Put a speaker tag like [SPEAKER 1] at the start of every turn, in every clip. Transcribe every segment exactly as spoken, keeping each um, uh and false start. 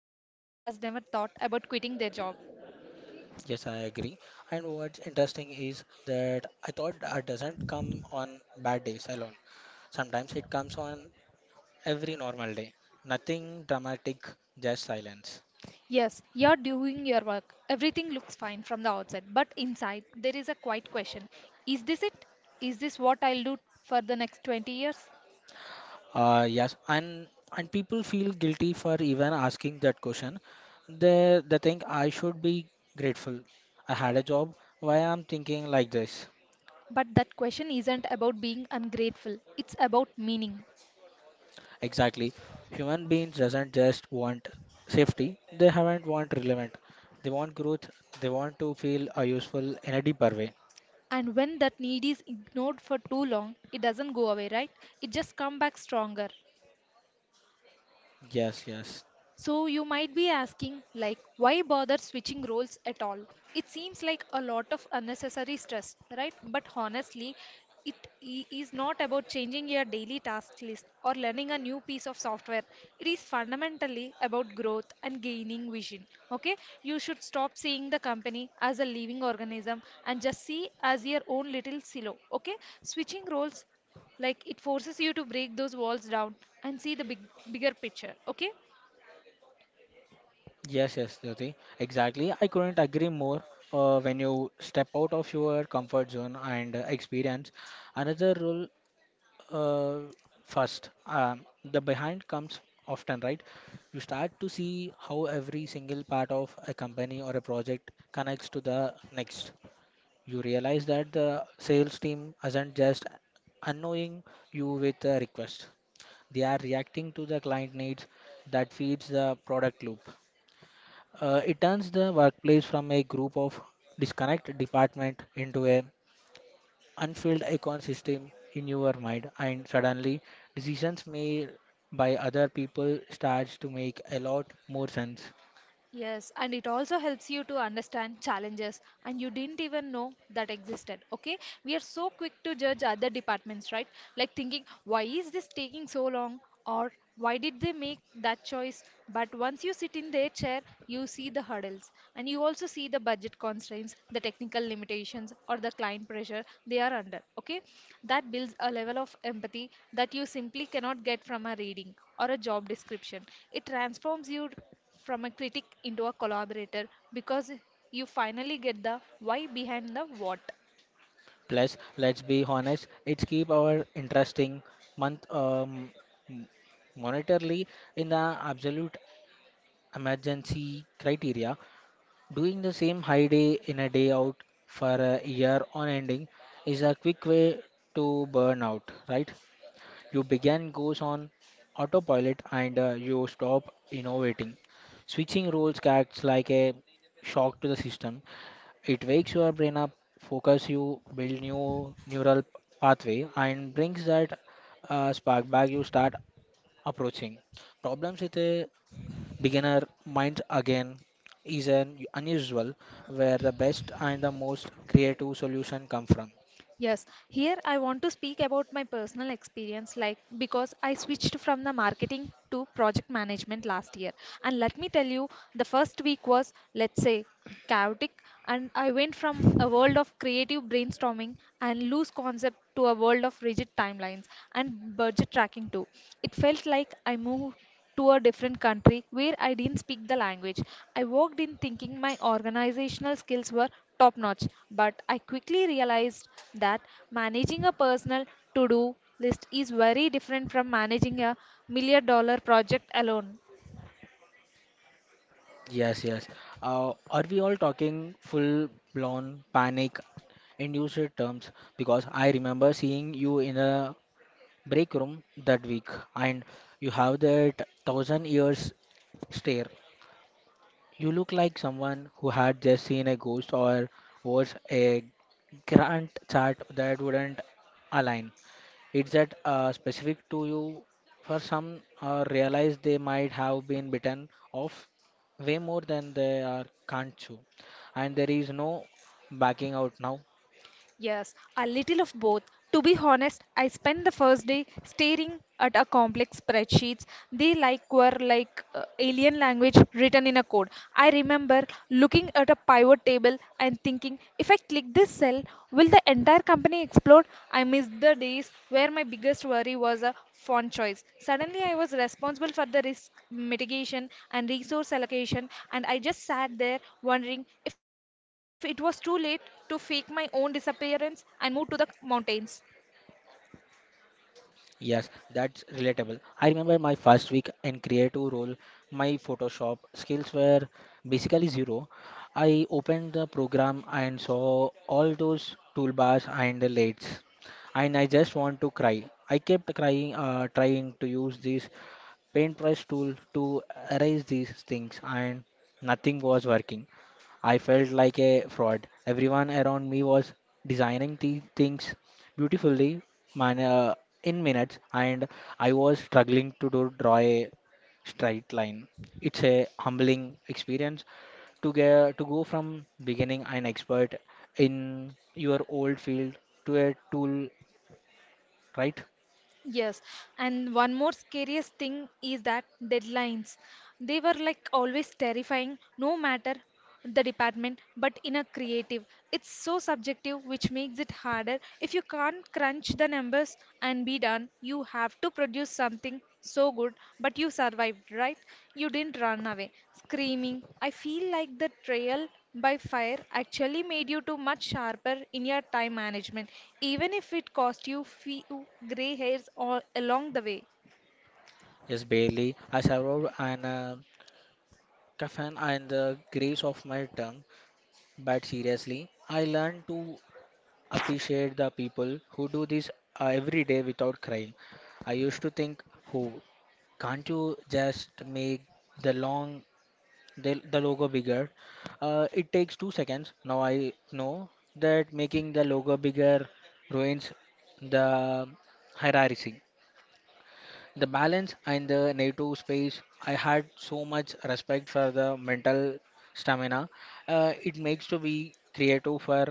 [SPEAKER 1] person who has never thought about quitting their job.
[SPEAKER 2] yes, I agree. And what's interesting is that I thought it doesn't come on bad days alone. Sometimes it comes on every normal day. Nothing dramatic, just silence.
[SPEAKER 1] Yes, you're doing your work. Everything looks fine from the outside, but inside there is a quiet question. Is this it? Is this what I'll do for the next twenty years?
[SPEAKER 2] Uh, yes, and and people feel guilty for even asking that question. They they think I should be grateful. I had a job. Why I'm thinking like this?
[SPEAKER 1] But that question isn't about being ungrateful, it's about meaning.
[SPEAKER 2] Exactly. Human beings doesn't just want safety, they haven't want relevant. They want growth, they want to feel uh, useful in a deeper way.
[SPEAKER 1] And when that need is ignored for too long, it doesn't go away, right? It just come back stronger.
[SPEAKER 2] Yes, yes.
[SPEAKER 1] So you might be asking, like, why bother switching roles at all? It seems like a lot of unnecessary stress, right? But honestly, it i- is not about changing your daily task list or learning a new piece of software. It is fundamentally about growth and gaining vision. Okay? You should stop seeing the company as a living organism and just see as your own little silo. Okay? Switching roles like it forces you to break those walls down and see the big, bigger picture, okay?
[SPEAKER 2] Yes, yes, Jyoti. Exactly. I couldn't agree more. Uh, when you step out of your comfort zone and uh, experience another role uh, first, um, the behind comes often, right? You start to see how every single part of a company or a project connects to the next. You realize that the sales team isn't just annoying you with a request. They are reacting to the client needs that feeds the product loop. Uh, it turns the workplace from a group of disconnect department into a unfilled ecosystem in your mind, and suddenly decisions made by other people starts to make a lot more sense.
[SPEAKER 1] Yes, and it also helps you to understand challenges and you didn't even know that existed. Okay, we are so quick to judge other departments, right? Like thinking, why is this taking so long, or why did they make that choice? But once you sit in their chair, you see the hurdles and you also see the budget constraints, the technical limitations, or the client pressure they are under. Okay, that builds a level of empathy that you simply cannot get from a reading or a job description. It transforms you from a critic into a collaborator because you finally get the why behind the what.
[SPEAKER 2] Plus, let's be honest, it's keep our interesting month um, m- monetarily in the absolute emergency criteria. Doing the same high day in a day out for a year on ending is a quick way to burn out, right? You begin goes on autopilot, and uh, you stop innovating. Switching roles acts like a shock to the system. It wakes your brain up, focus you, build new neural pathway, and brings that uh, spark back. You start approaching problems with a beginner mind again is an unusual where the best and the most creative solution come from.
[SPEAKER 1] Yes, here I want to speak about my personal experience, like because I switched from the marketing to project management last year. And let me tell you, the first week was, let's say, chaotic, and I went from a world of creative brainstorming and loose concept to a world of rigid timelines and budget tracking too. It felt like I moved to a different country where I didn't speak the language. I walked in thinking my organizational skills were top notch, but I quickly realized that managing a personal to do list is very different from managing a million dollar project alone.
[SPEAKER 2] Yes, yes. Uh, are we all talking full blown panic induced terms? Because I remember seeing you in a break room that week, and you have that thousand years stare. You look like someone who had just seen a ghost or was a grand chart that wouldn't align. It's that uh, specific to you for some uh, realize they might have been bitten off way more than they are can't chew, and there is no backing out now.
[SPEAKER 1] Yes, a little of both. To be honest, I spent the first day staring at a complex spreadsheets. They like were like uh, alien language written in a code. I remember looking at a pivot table and thinking, if I click this cell, will the entire company explode? I missed the days where my biggest worry was a font choice. Suddenly, I was responsible for the risk mitigation and resource allocation, and I just sat there wondering if it was too late to fake my own disappearance and move to the mountains.
[SPEAKER 2] Yes, that's relatable. I remember my first week in creative role, my Photoshop skills were basically zero. I opened the program and saw all those toolbars and the lights, and I just want to cry. I kept crying, uh, trying to use these paint brush tool to erase these things, and nothing was working. I felt like a fraud. Everyone around me was designing these things beautifully man, uh, in minutes, and I was struggling to do, draw a straight line. It's a humbling experience to get to go from beginning an expert in your old field to a tool, right?
[SPEAKER 1] Yes, and one more scariest thing is that deadlines. They were like always terrifying, no matter the department, but in a creative. It's so subjective, which makes it harder. If you can't crunch the numbers and be done, you have to produce something so good, but you survived, right? You didn't run away screaming. I feel like the trial by fire actually made you too much sharper in your time management, even if it cost you few gray hairs all along the way.
[SPEAKER 2] Yes, barely. I survived an uh, Kafan and the grace of my tongue, but seriously, I learned to appreciate the people who do this uh, every day without crying. I used to think, who can't you just make the long the, the logo bigger? Uh, it takes two seconds. Now I know that making the logo bigger ruins the hierarchy, the balance, and the native space. I had so much respect for the mental stamina uh, it makes to be creative for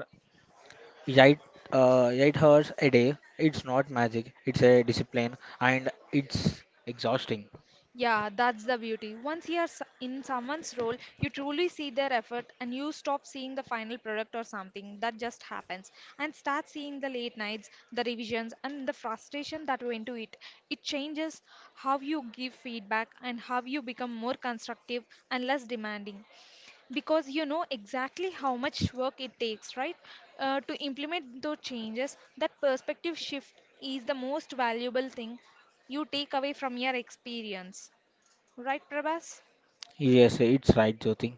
[SPEAKER 2] eight uh, eight hours a day. It's not magic, it's a discipline, and it's exhausting.
[SPEAKER 1] Yeah, that's the beauty. Once you are s- in someone's role, you truly see their effort and you stop seeing the final product or something that just happens and start seeing the late nights, the revisions, and the frustration that went to it. It changes how you give feedback and how you become more constructive and less demanding because you know exactly how much work it takes, right? Uh, to implement those changes, that perspective shift is the most valuable thing you take away from your experience. Right, Prabhas?
[SPEAKER 2] Yes, it's right, Jyoti.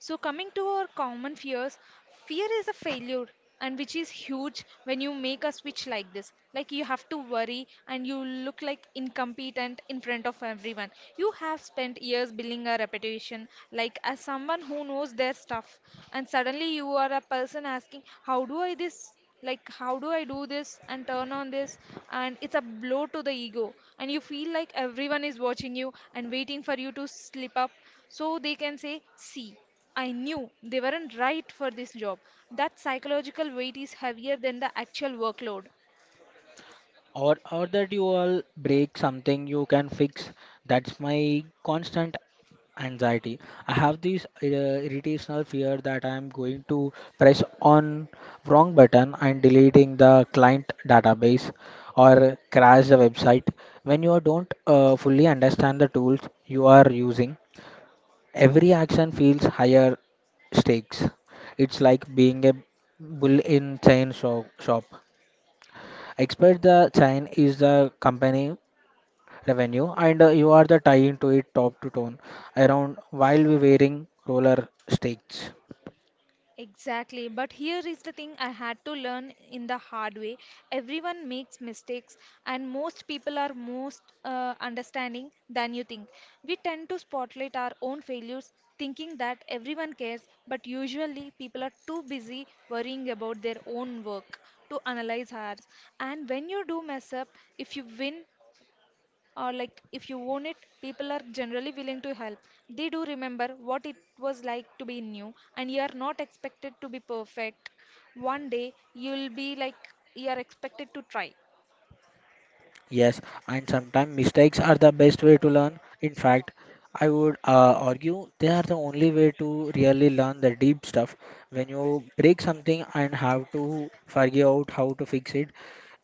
[SPEAKER 1] So, coming to our common fears, fear is a failure, and which is huge when you make a switch like this. Like, you have to worry and you look like incompetent in front of everyone. You have spent years building a reputation, like as someone who knows their stuff, and suddenly you are a person asking, how do I this? Like, how do I do this and turn on this? And it's a blow to the ego, and you feel like everyone is watching you and waiting for you to slip up so they can say, see, I knew they weren't right for this job. That psychological weight is heavier than the actual workload.
[SPEAKER 2] Or or that you all break something you can fix. That's my constant anxiety. I have this uh, irritational fear that I am going to press on wrong button and deleting the client database or crash the website. When you don't uh, fully understand the tools you are using, every action feels higher stakes. It's like being a bull in chain shop, shop Expect the chain is the company revenue, and uh, you are the tying to it top to tone around while we wearing roller sticks.
[SPEAKER 1] Exactly, but here is the thing I had to learn in the hard way. Everyone makes mistakes, and most people are most uh, understanding than you think. We tend to spotlight our own failures, thinking that everyone cares, but usually people are too busy worrying about their own work to analyze ours. And when you do mess up, if you win, or like if you own it, people are generally willing to help. They do remember what it was like to be new, and you are not expected to be perfect. One day you'll be like you are expected to try.
[SPEAKER 2] Yes, and sometimes mistakes are the best way to learn. In fact, I would uh, argue they are the only way to really learn the deep stuff. When you break something and have to figure out how to fix it,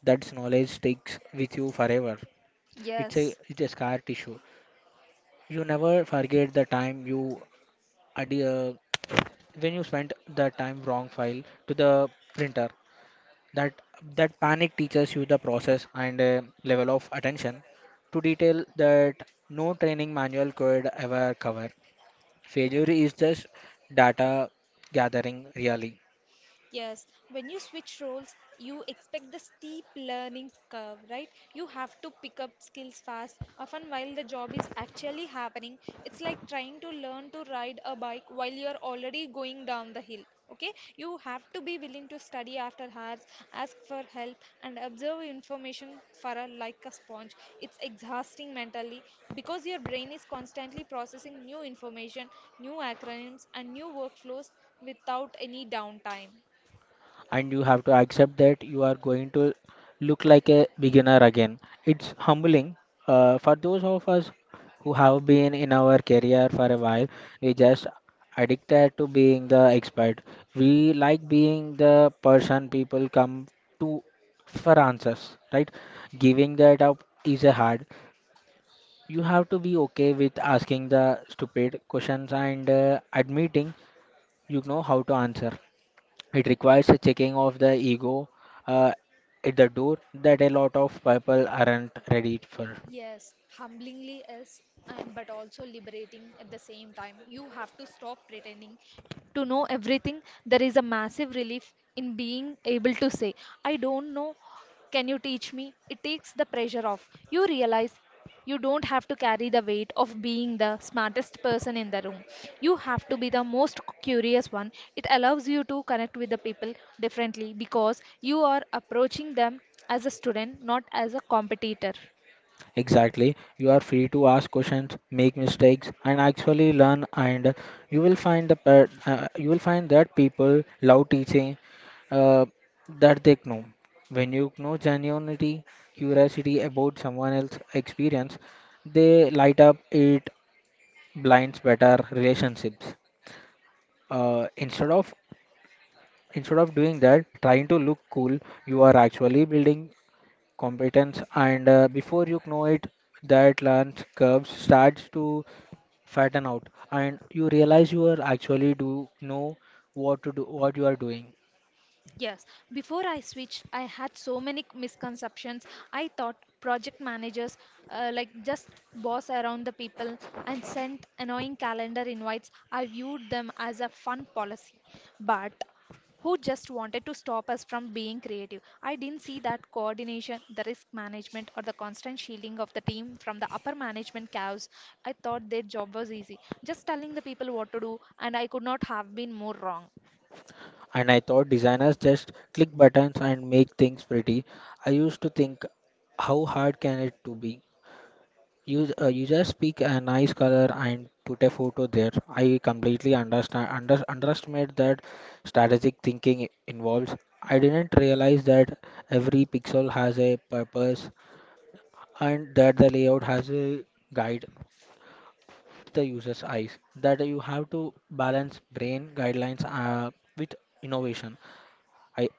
[SPEAKER 2] that knowledge sticks with you forever. It's a
[SPEAKER 1] Yes.
[SPEAKER 2] it's a scar tissue. You never forget the time you ad- uh, when you spent the time wrong file to the printer. That that panic teaches you the process and uh, level of attention to detail that no training manual could ever cover. Failure is just data gathering really.
[SPEAKER 1] Yes, when you switch roles, you expect the steep learning curve, right? You have to pick up skills fast, often while the job is actually happening. It's like trying to learn to ride a bike while you're already going down the hill. Okay, you have to be willing to study after hours, ask for help, and observe information for a, like a sponge. It's exhausting mentally because your brain is constantly processing new information, new acronyms, and new workflows without any downtime.
[SPEAKER 2] And you have to accept that you are going to look like a beginner again. It's humbling uh, for those of us who have been in our career for a while. We just addicted to being the expert. We like being the person people come to for answers, right? Giving that up is a hard. You have to be okay with asking the stupid questions and uh, admitting you know how to answer. It requires a checking of the ego uh, at the door that a lot of people aren't ready for.
[SPEAKER 1] Yes, humblingly is, and but also liberating at the same time. You have to stop pretending to know everything. There is a massive relief in being able to say, I don't know. Can you teach me? It takes the pressure off. You realize you don't have to carry the weight of being the smartest person in the room. You have to be the most curious one. It allows you to connect with the people differently because you are approaching them as a student, not as a competitor.
[SPEAKER 2] Exactly. You are free to ask questions, make mistakes, and actually learn. And you will find the per- uh, you will find that people love teaching uh, that they know. When you know genuinity, curiosity about someone else's experience, they light up it blinds better relationships. Uh, instead of instead of doing that trying to look cool, you are actually building competence, and uh, before you know it that lance curve starts to fatten out, and you realize you are actually do know what to do what you are doing.
[SPEAKER 1] Yes, before I switched, I had so many misconceptions. I thought project managers uh, like just boss around the people and sent annoying calendar invites. I viewed them as a fun policy, but who just wanted to stop us from being creative. I didn't see that coordination, the risk management, or the constant shielding of the team from the upper management chaos. I thought their job was easy, just telling the people what to do, and I could not have been more wrong.
[SPEAKER 2] And I thought designers just click buttons and make things pretty. I used to think how hard can it to be. You uh, you just pick a nice color and put a photo there. I completely understand under, underestimate that strategic thinking i- involves. I didn't realize that every pixel has a purpose and that the layout has a guide the user's eyes. That you have to balance brain guidelines uh, with innovation. I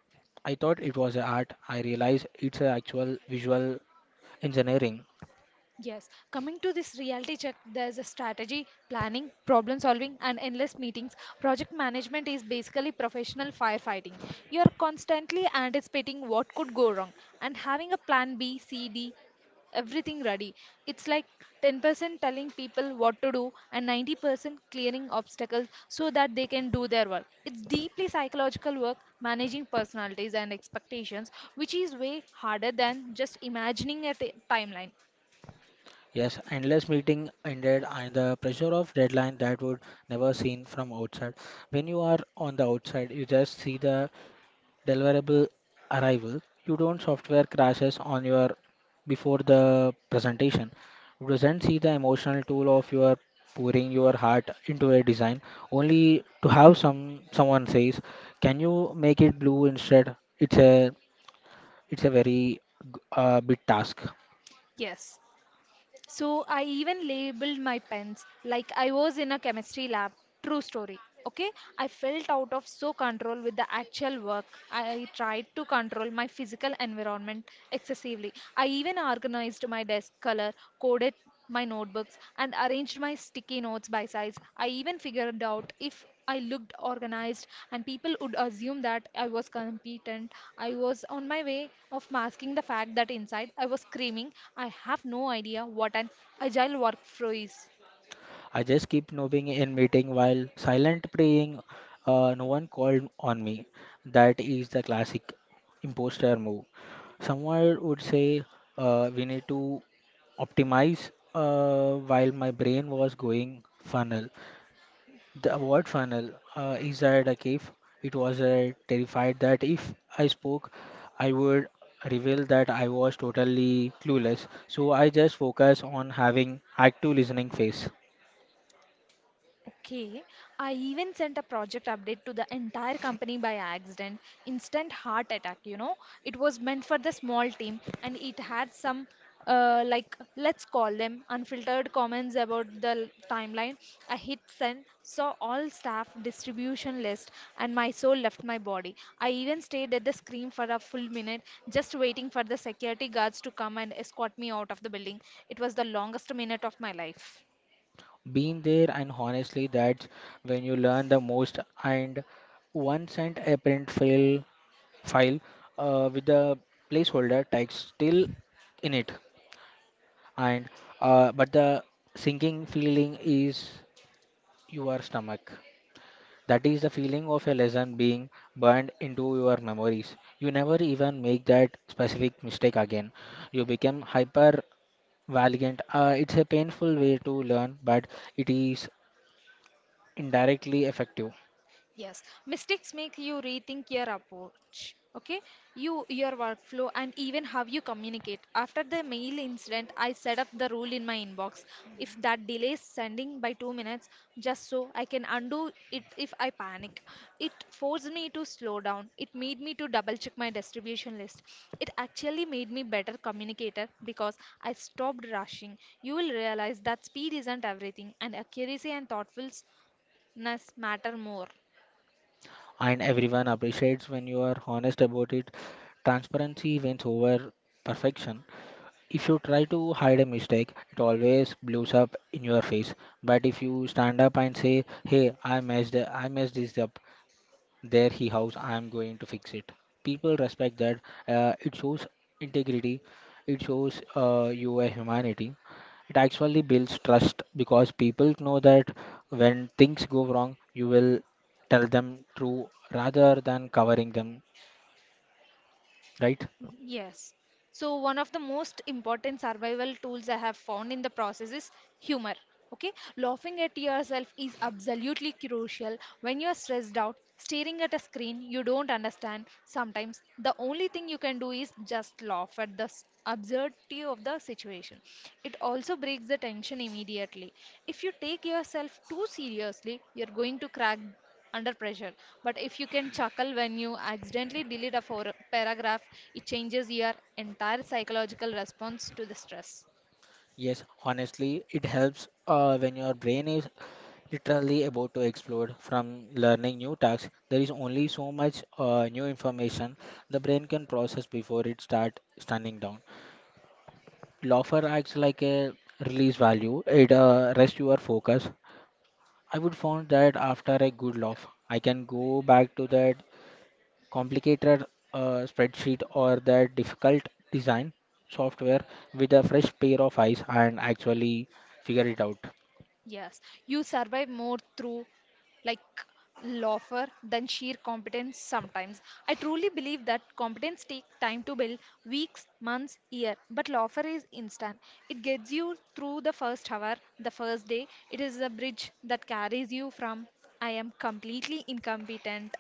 [SPEAKER 2] I thought it was a art. I realized it's a actual visual engineering.
[SPEAKER 1] Yes, coming to this reality check, there's a strategy, planning, problem solving, and endless meetings. Project management is basically professional firefighting. You are constantly anticipating what could go wrong and having a plan B, C, D, everything ready. It's like ten percent telling people what to do and ninety percent clearing obstacles so that they can do their work. It's deeply psychological work managing personalities and expectations, which is way harder than just imagining a t- timeline.
[SPEAKER 2] Yes, endless meeting ended and the pressure of deadline that would never seen from outside. When you are on the outside, you just see the deliverable arrival. You don't software crashes on your before the presentation. You doesn't see the emotional tool of your pouring your heart into a design only to have some someone says, "Can you make it blue instead?" It's a it's a very g- uh, big task.
[SPEAKER 1] Yes. So I even labeled my pens like I was in a chemistry lab. True story. Okay. I felt out of so control with the actual work. I tried to control my physical environment excessively. I even organized my desk color, coded my notebooks, and arranged my sticky notes by size. I even figured out if I looked organized, and people would assume that I was competent. I was on my way of masking the fact that inside I was screaming, I have no idea what an agile workflow is.
[SPEAKER 2] I just keep nodding in meeting while silent praying. Uh, no one called on me. That is the classic imposter move. Someone would say, uh, "We need to optimize," uh, while my brain was going funnel. The word funnel uh, is that a cave. It was uh, terrified that if I spoke, I would reveal that I was totally clueless. So I just focus on having active listening phase.
[SPEAKER 1] Okay, I even sent a project update to the entire company by accident. Instant heart attack, you know. It was meant for the small team and it had some, uh, like, let's call them unfiltered comments about the l- timeline. I hit send, saw all staff distribution list, and my soul left my body. I even stayed at the screen for a full minute, just waiting for the security guards to come and escort me out of the building. It was the longest minute of my life.
[SPEAKER 2] Been there, and honestly, that's when you learn the most. And one sent a print file file uh, with the placeholder text still in it, and uh, but the sinking feeling is your stomach. That is the feeling of a lesson being burned into your memories. You never even make that specific mistake again. You become hyper valiant. Uh, it's a painful way to learn, but it is indirectly effective.
[SPEAKER 1] Yes, mistakes make you rethink your approach, okay? You, your workflow, and even how you communicate. After the mail incident, I set up the rule in my inbox. If that delays sending by two minutes, just so I can undo it if I panic. It forced me to slow down. It made me to double check my distribution list. It actually made me better communicator because I stopped rushing. You will realize that speed isn't everything, and accuracy and thoughtfulness matter more.
[SPEAKER 2] And everyone appreciates when you are honest about it. Transparency wins over perfection. If you try to hide a mistake, it always blows up in your face. But if you stand up and say, "Hey, I messed, I messed this up," there he house I am going to fix it, people respect that. Uh, it shows integrity, it shows uh, you a humanity. It actually builds trust because people know that when things go wrong you will tell them true rather than covering them, right?
[SPEAKER 1] Yes. So one of the most important survival tools I have found in the process is humor. Okay, laughing at yourself is absolutely crucial. When you're stressed out, staring at a screen you don't understand, sometimes the only thing you can do is just laugh at the s- absurdity of the situation. It also breaks the tension immediately. If you take yourself too seriously, you're going to crack under pressure. But if you can chuckle when you accidentally delete a for- paragraph, it changes your entire psychological response to the stress.
[SPEAKER 2] Yes, honestly, it helps uh, when your brain is literally about to explode from learning new tasks. There is only so much uh, new information the brain can process before it starts stunning down. Laughter acts like a release value. It uh, rests your focus. I would find that after a good laugh, I can go back to that complicated uh, spreadsheet or that difficult design software with a fresh pair of eyes and actually figure it out.
[SPEAKER 1] Yes, you survive more through like laughter than sheer competence sometimes. I truly believe that competence takes time to build weeks, months, year, but laughter is instant. It gets you through the first hour, the first day. It is a bridge that carries you from I am completely incompetent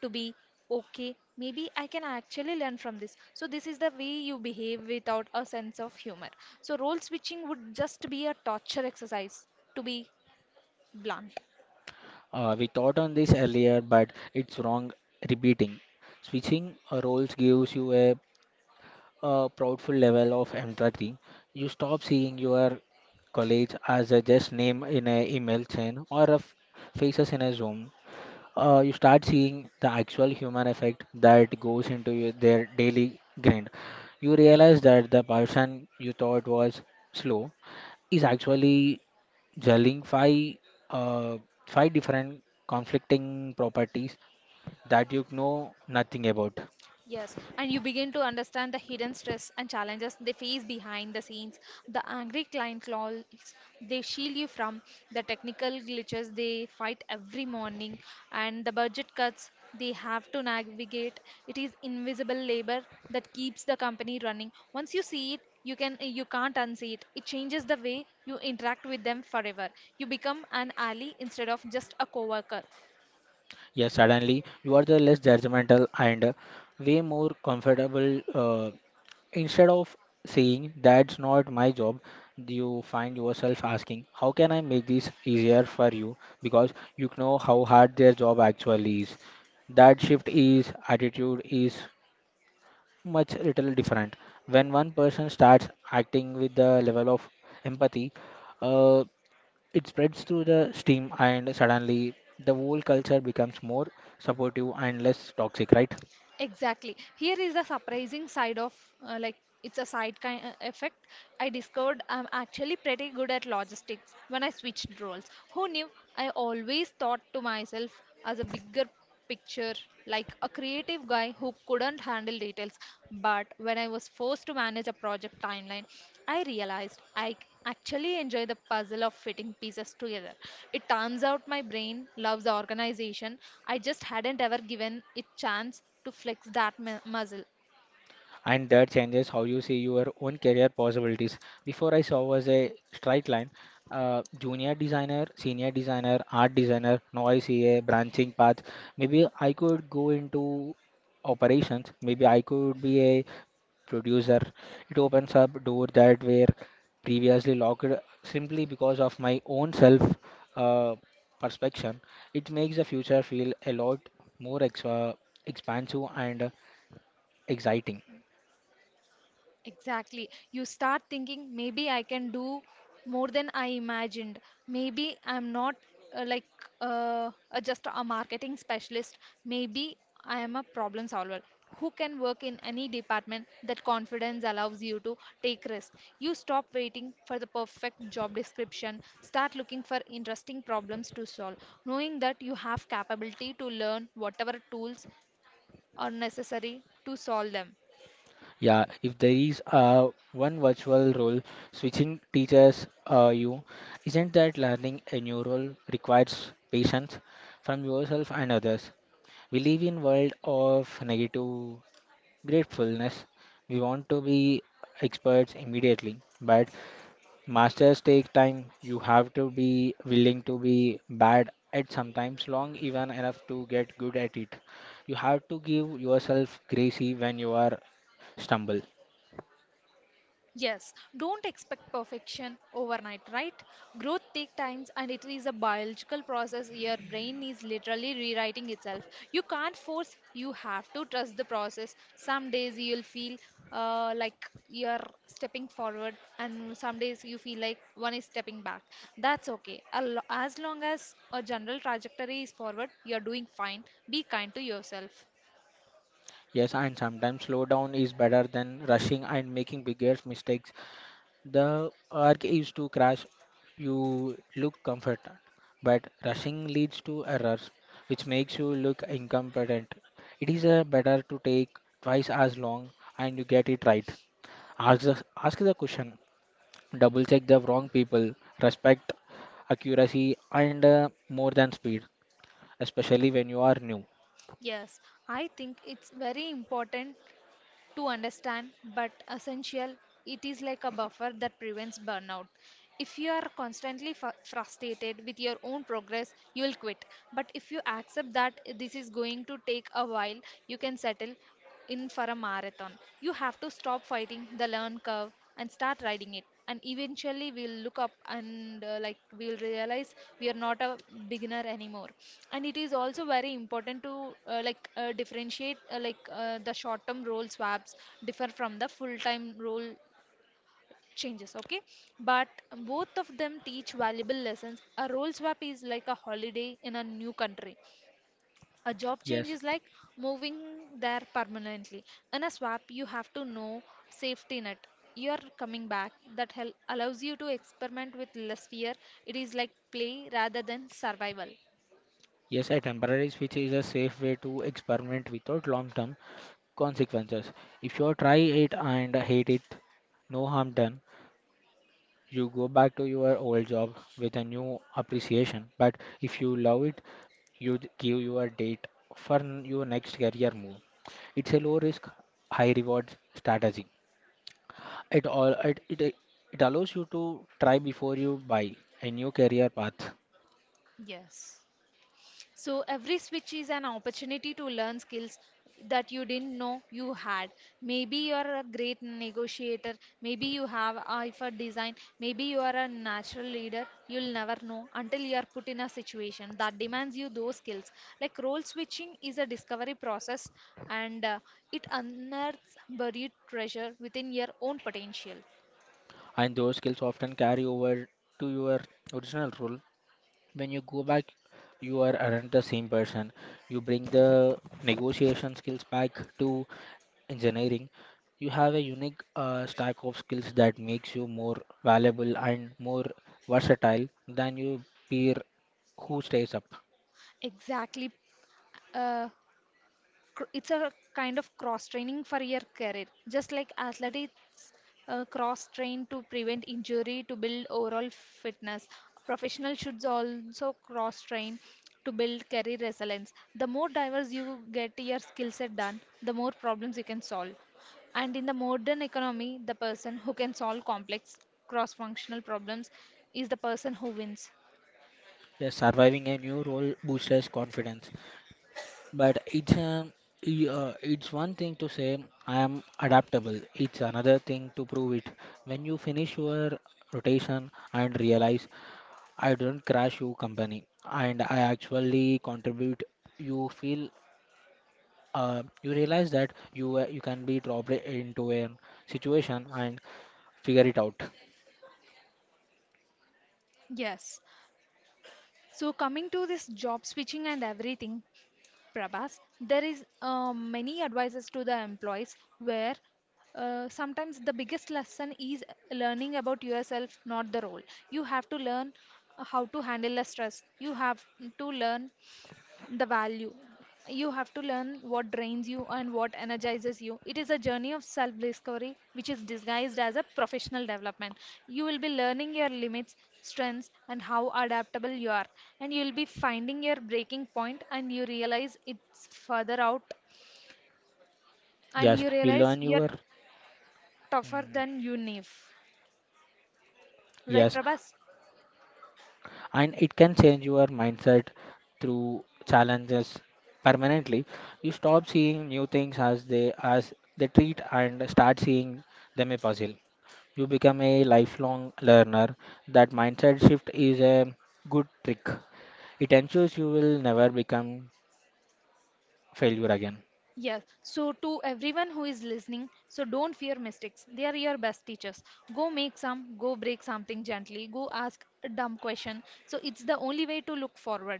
[SPEAKER 1] to be okay, maybe I can actually learn from this. So this is the way you behave without a sense of humor, so role switching would just be a torture exercise, to be blunt.
[SPEAKER 2] Uh, we thought on this earlier, but it's wrong repeating. Switching uh, roles gives you a, a proudful level of empathy. You stop seeing your colleagues as a just name in an email chain or a f- faces in a Zoom. Uh, you start seeing the actual human effect that goes into your, their daily grind. You realize that the person you thought was slow is actually juggling five uh, five different conflicting properties that you know nothing about.
[SPEAKER 1] Yes, and you begin to understand the hidden stress and challenges they face behind the scenes, the angry client calls they shield you from, the technical glitches they fight every morning, and the budget cuts they have to navigate. It is invisible labor that keeps the company running. Once you see it, you can you can't unsee it. It changes the way you interact with them forever. You become an ally instead of just a coworker.
[SPEAKER 2] Yes, suddenly you are the less judgmental and way more comfortable. Uh, instead of saying that's not my job, you find yourself asking how can I make this easier for you because you know how hard their job actually is. That shift is attitude is much little different. When one person starts acting with the level of empathy, uh, it spreads through the steam, and suddenly the whole culture becomes more supportive and less toxic, right?
[SPEAKER 1] Exactly. Here is the surprising side of uh, like it's a side kind uh, effect. I discovered I'm actually pretty good at logistics when I switched roles. Who knew? I always thought to myself as a bigger picture, like a creative guy who couldn't handle details. But when I was forced to manage a project timeline, I realized I c- actually enjoy the puzzle of fitting pieces together. It turns out my brain loves organization. I just hadn't ever given it chance to flex that mu- muscle.
[SPEAKER 2] And that changes how you see your own career possibilities. Before I saw was a straight line. Uh, junior designer, senior designer, art designer. Now I see a branching path. Maybe I could go into operations. Maybe I could be a producer. It opens up door that were previously locked simply because of my own self uh, perspection. It makes the future feel a lot more ex- uh, expansive and exciting.
[SPEAKER 1] Exactly. You start thinking, maybe I can do more than I imagined. Maybe I'm not uh, like uh, uh, just a marketing specialist. Maybe I am a problem solver who can work in any department. That confidence allows you to take risks. You stop waiting for the perfect job description, start looking for interesting problems to solve, knowing that you have capability to learn whatever tools are necessary to solve them.
[SPEAKER 2] Yeah, if there is uh, one virtual role switching teachers uh, you, isn't that learning a new role requires patience from yourself and others? We live in world of negative gratefulness. We want to be experts immediately, but masters take time. You have to be willing to be bad at sometimes long even enough to get good at it. You have to give yourself gracie when you are stumble.
[SPEAKER 1] Yes, don't expect perfection overnight, right? Growth takes time and it is a biological process. Your brain is literally rewriting itself. You can't force, you have to trust the process. Some days you'll feel uh, like you're stepping forward, and some days you feel like one is stepping back. That's okay. A lo- As long as a general trajectory is forward, you're doing fine. Be kind to yourself.
[SPEAKER 2] Yes, and sometimes slow down is better than rushing and making bigger mistakes. The arc is to crash, you look comforted, but rushing leads to errors, which makes you look incompetent. It is uh, better to take twice as long and you get it right. Ask the, ask the question, double check the wrong people, respect accuracy and uh, more than speed, especially when you are new.
[SPEAKER 1] Yes, I think it's very important to understand, but essential. It is like a buffer that prevents burnout. If you are constantly fu- frustrated with your own progress, you will quit. But if you accept that this is going to take a while, you can settle in for a marathon. You have to stop fighting the learn curve and start riding it, and eventually we'll look up and uh, like we'll realize we are not a beginner anymore. And it is also very important to uh, like uh, differentiate, uh, like uh, the short term role swaps differ from the full time role changes, okay? But both of them teach valuable lessons. A role swap is like a holiday in a new country, a job change
[SPEAKER 2] Yes,
[SPEAKER 1] is like moving there permanently. In a swap, you have to know safety net. You are coming back. That hel- allows you to experiment with less fear. It is like play rather than survival.
[SPEAKER 2] yes, a temporary switch is a safe way to experiment without long term consequences. If you try it and hate it, no harm done. You go back to your old job with a new appreciation. But if you love it, you d- give your date for n- your next career move. It's a low risk, high reward strategy. It all it, it it allows you to try before you buy a new career path,
[SPEAKER 1] Yes. So every switch is an opportunity to learn skills that you didn't know you had. Maybe you are a great negotiator, maybe you have eye for design, maybe you are a natural leader. You'll never know until you are put in a situation that demands you those skills. Like role switching is a discovery process, and uh, it unearths buried treasure within your own potential.
[SPEAKER 2] and those skills often carry over to your original role when you go back you are aren't the same person you bring the negotiation skills back to engineering. You have a unique uh, stack of skills that makes you more valuable and more versatile than your peer who stays up.
[SPEAKER 1] Exactly. Uh, cr- it's a kind of cross training for your career. Just like athletes uh, cross train to prevent injury, to build overall fitness, professionals should also cross train to build career resilience. The more diverse you get your skill set done, the more problems you can solve. And in the modern economy, the person who can solve complex cross functional problems is the person who wins.
[SPEAKER 2] Yes, surviving a new role boosts confidence, but it's um, i- uh, it's one thing to say I am adaptable, it's another thing to prove it. When you finish your rotation and realize I don't crash your company and I actually contribute. You feel uh, you realize that you uh, you can be dropped into a situation and figure it out.
[SPEAKER 1] Yes, so coming to this job switching and everything, Prabhas, there is uh, many advices to the employees where uh, sometimes the biggest lesson is learning about yourself, not the role. You have to learn how to handle the stress. You have to learn the value. You have to learn what drains you and what energizes you. It is a journey of self discovery, which is disguised as a professional development. You will be learning your limits, strengths, and how adaptable you are. And you will be finding your breaking point, and you realize it's further out, and
[SPEAKER 2] Yes,
[SPEAKER 1] you
[SPEAKER 2] you
[SPEAKER 1] realize
[SPEAKER 2] learn
[SPEAKER 1] you're
[SPEAKER 2] your
[SPEAKER 1] tougher than you knew. Right,
[SPEAKER 2] yes,
[SPEAKER 1] Prabhas?
[SPEAKER 2] and it can change your mindset through challenges permanently. You stop seeing new things as they as they treat and start seeing them a puzzle. You become a lifelong learner. That mindset shift is a good trick. It ensures you will never become failure again.
[SPEAKER 1] Yes, so to everyone who is listening, so don't fear mistakes. They are your best teachers. Go make some, go break something gently, go ask a dumb question. So it's the only way to look forward.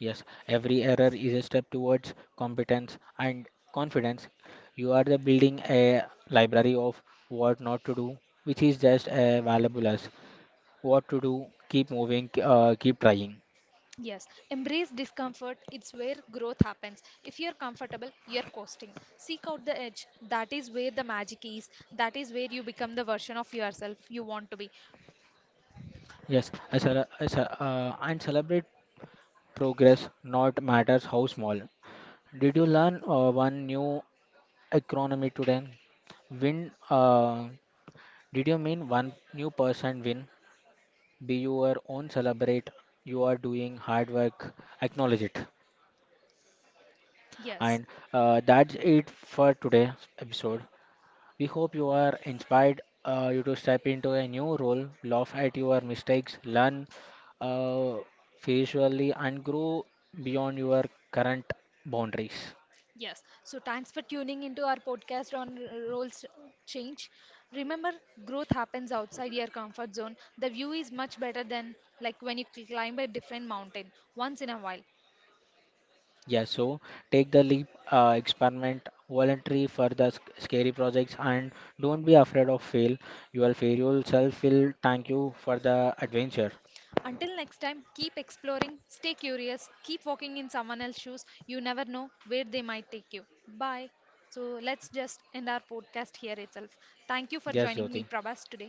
[SPEAKER 2] Yes, every error is a step towards competence and confidence. You are the building a library of what not to do, which is just as valuable as what to do. Keep moving, uh, keep trying.
[SPEAKER 1] Yes, embrace discomfort. It's where growth happens. If you're comfortable, you're coasting. Seek out the edge. That is where the magic is. That is where you become the version of yourself you want to be.
[SPEAKER 2] Yes, I cele- I ce- uh, and celebrate progress, not matters how small. Did you learn uh, one new economy today? Win? Uh, did you mean one new person win? Be your own, celebrate. You are doing hard work, acknowledge it.
[SPEAKER 1] Yes.
[SPEAKER 2] And uh, that's it for today's episode. We hope you are inspired uh, you to step into a new role, laugh at your mistakes, learn uh, visually, and grow beyond your current boundaries.
[SPEAKER 1] Yes. So thanks for tuning into our podcast on r- roles change. Remember, growth happens outside your comfort zone. The view is much better than like when you cl- climb a different mountain once in a while.
[SPEAKER 2] Yeah, so take the leap, uh, experiment, voluntary for the sc- scary projects, and don't be afraid of fail. Your failure self will thank you for the adventure.
[SPEAKER 1] Until next time, keep exploring, stay curious, keep walking in someone else's shoes. You never know where they might take you. Bye. So let's just end our podcast here itself. Thank you for
[SPEAKER 2] Yes,
[SPEAKER 1] joining me,
[SPEAKER 2] Jyoti.
[SPEAKER 1] Prabhas, today.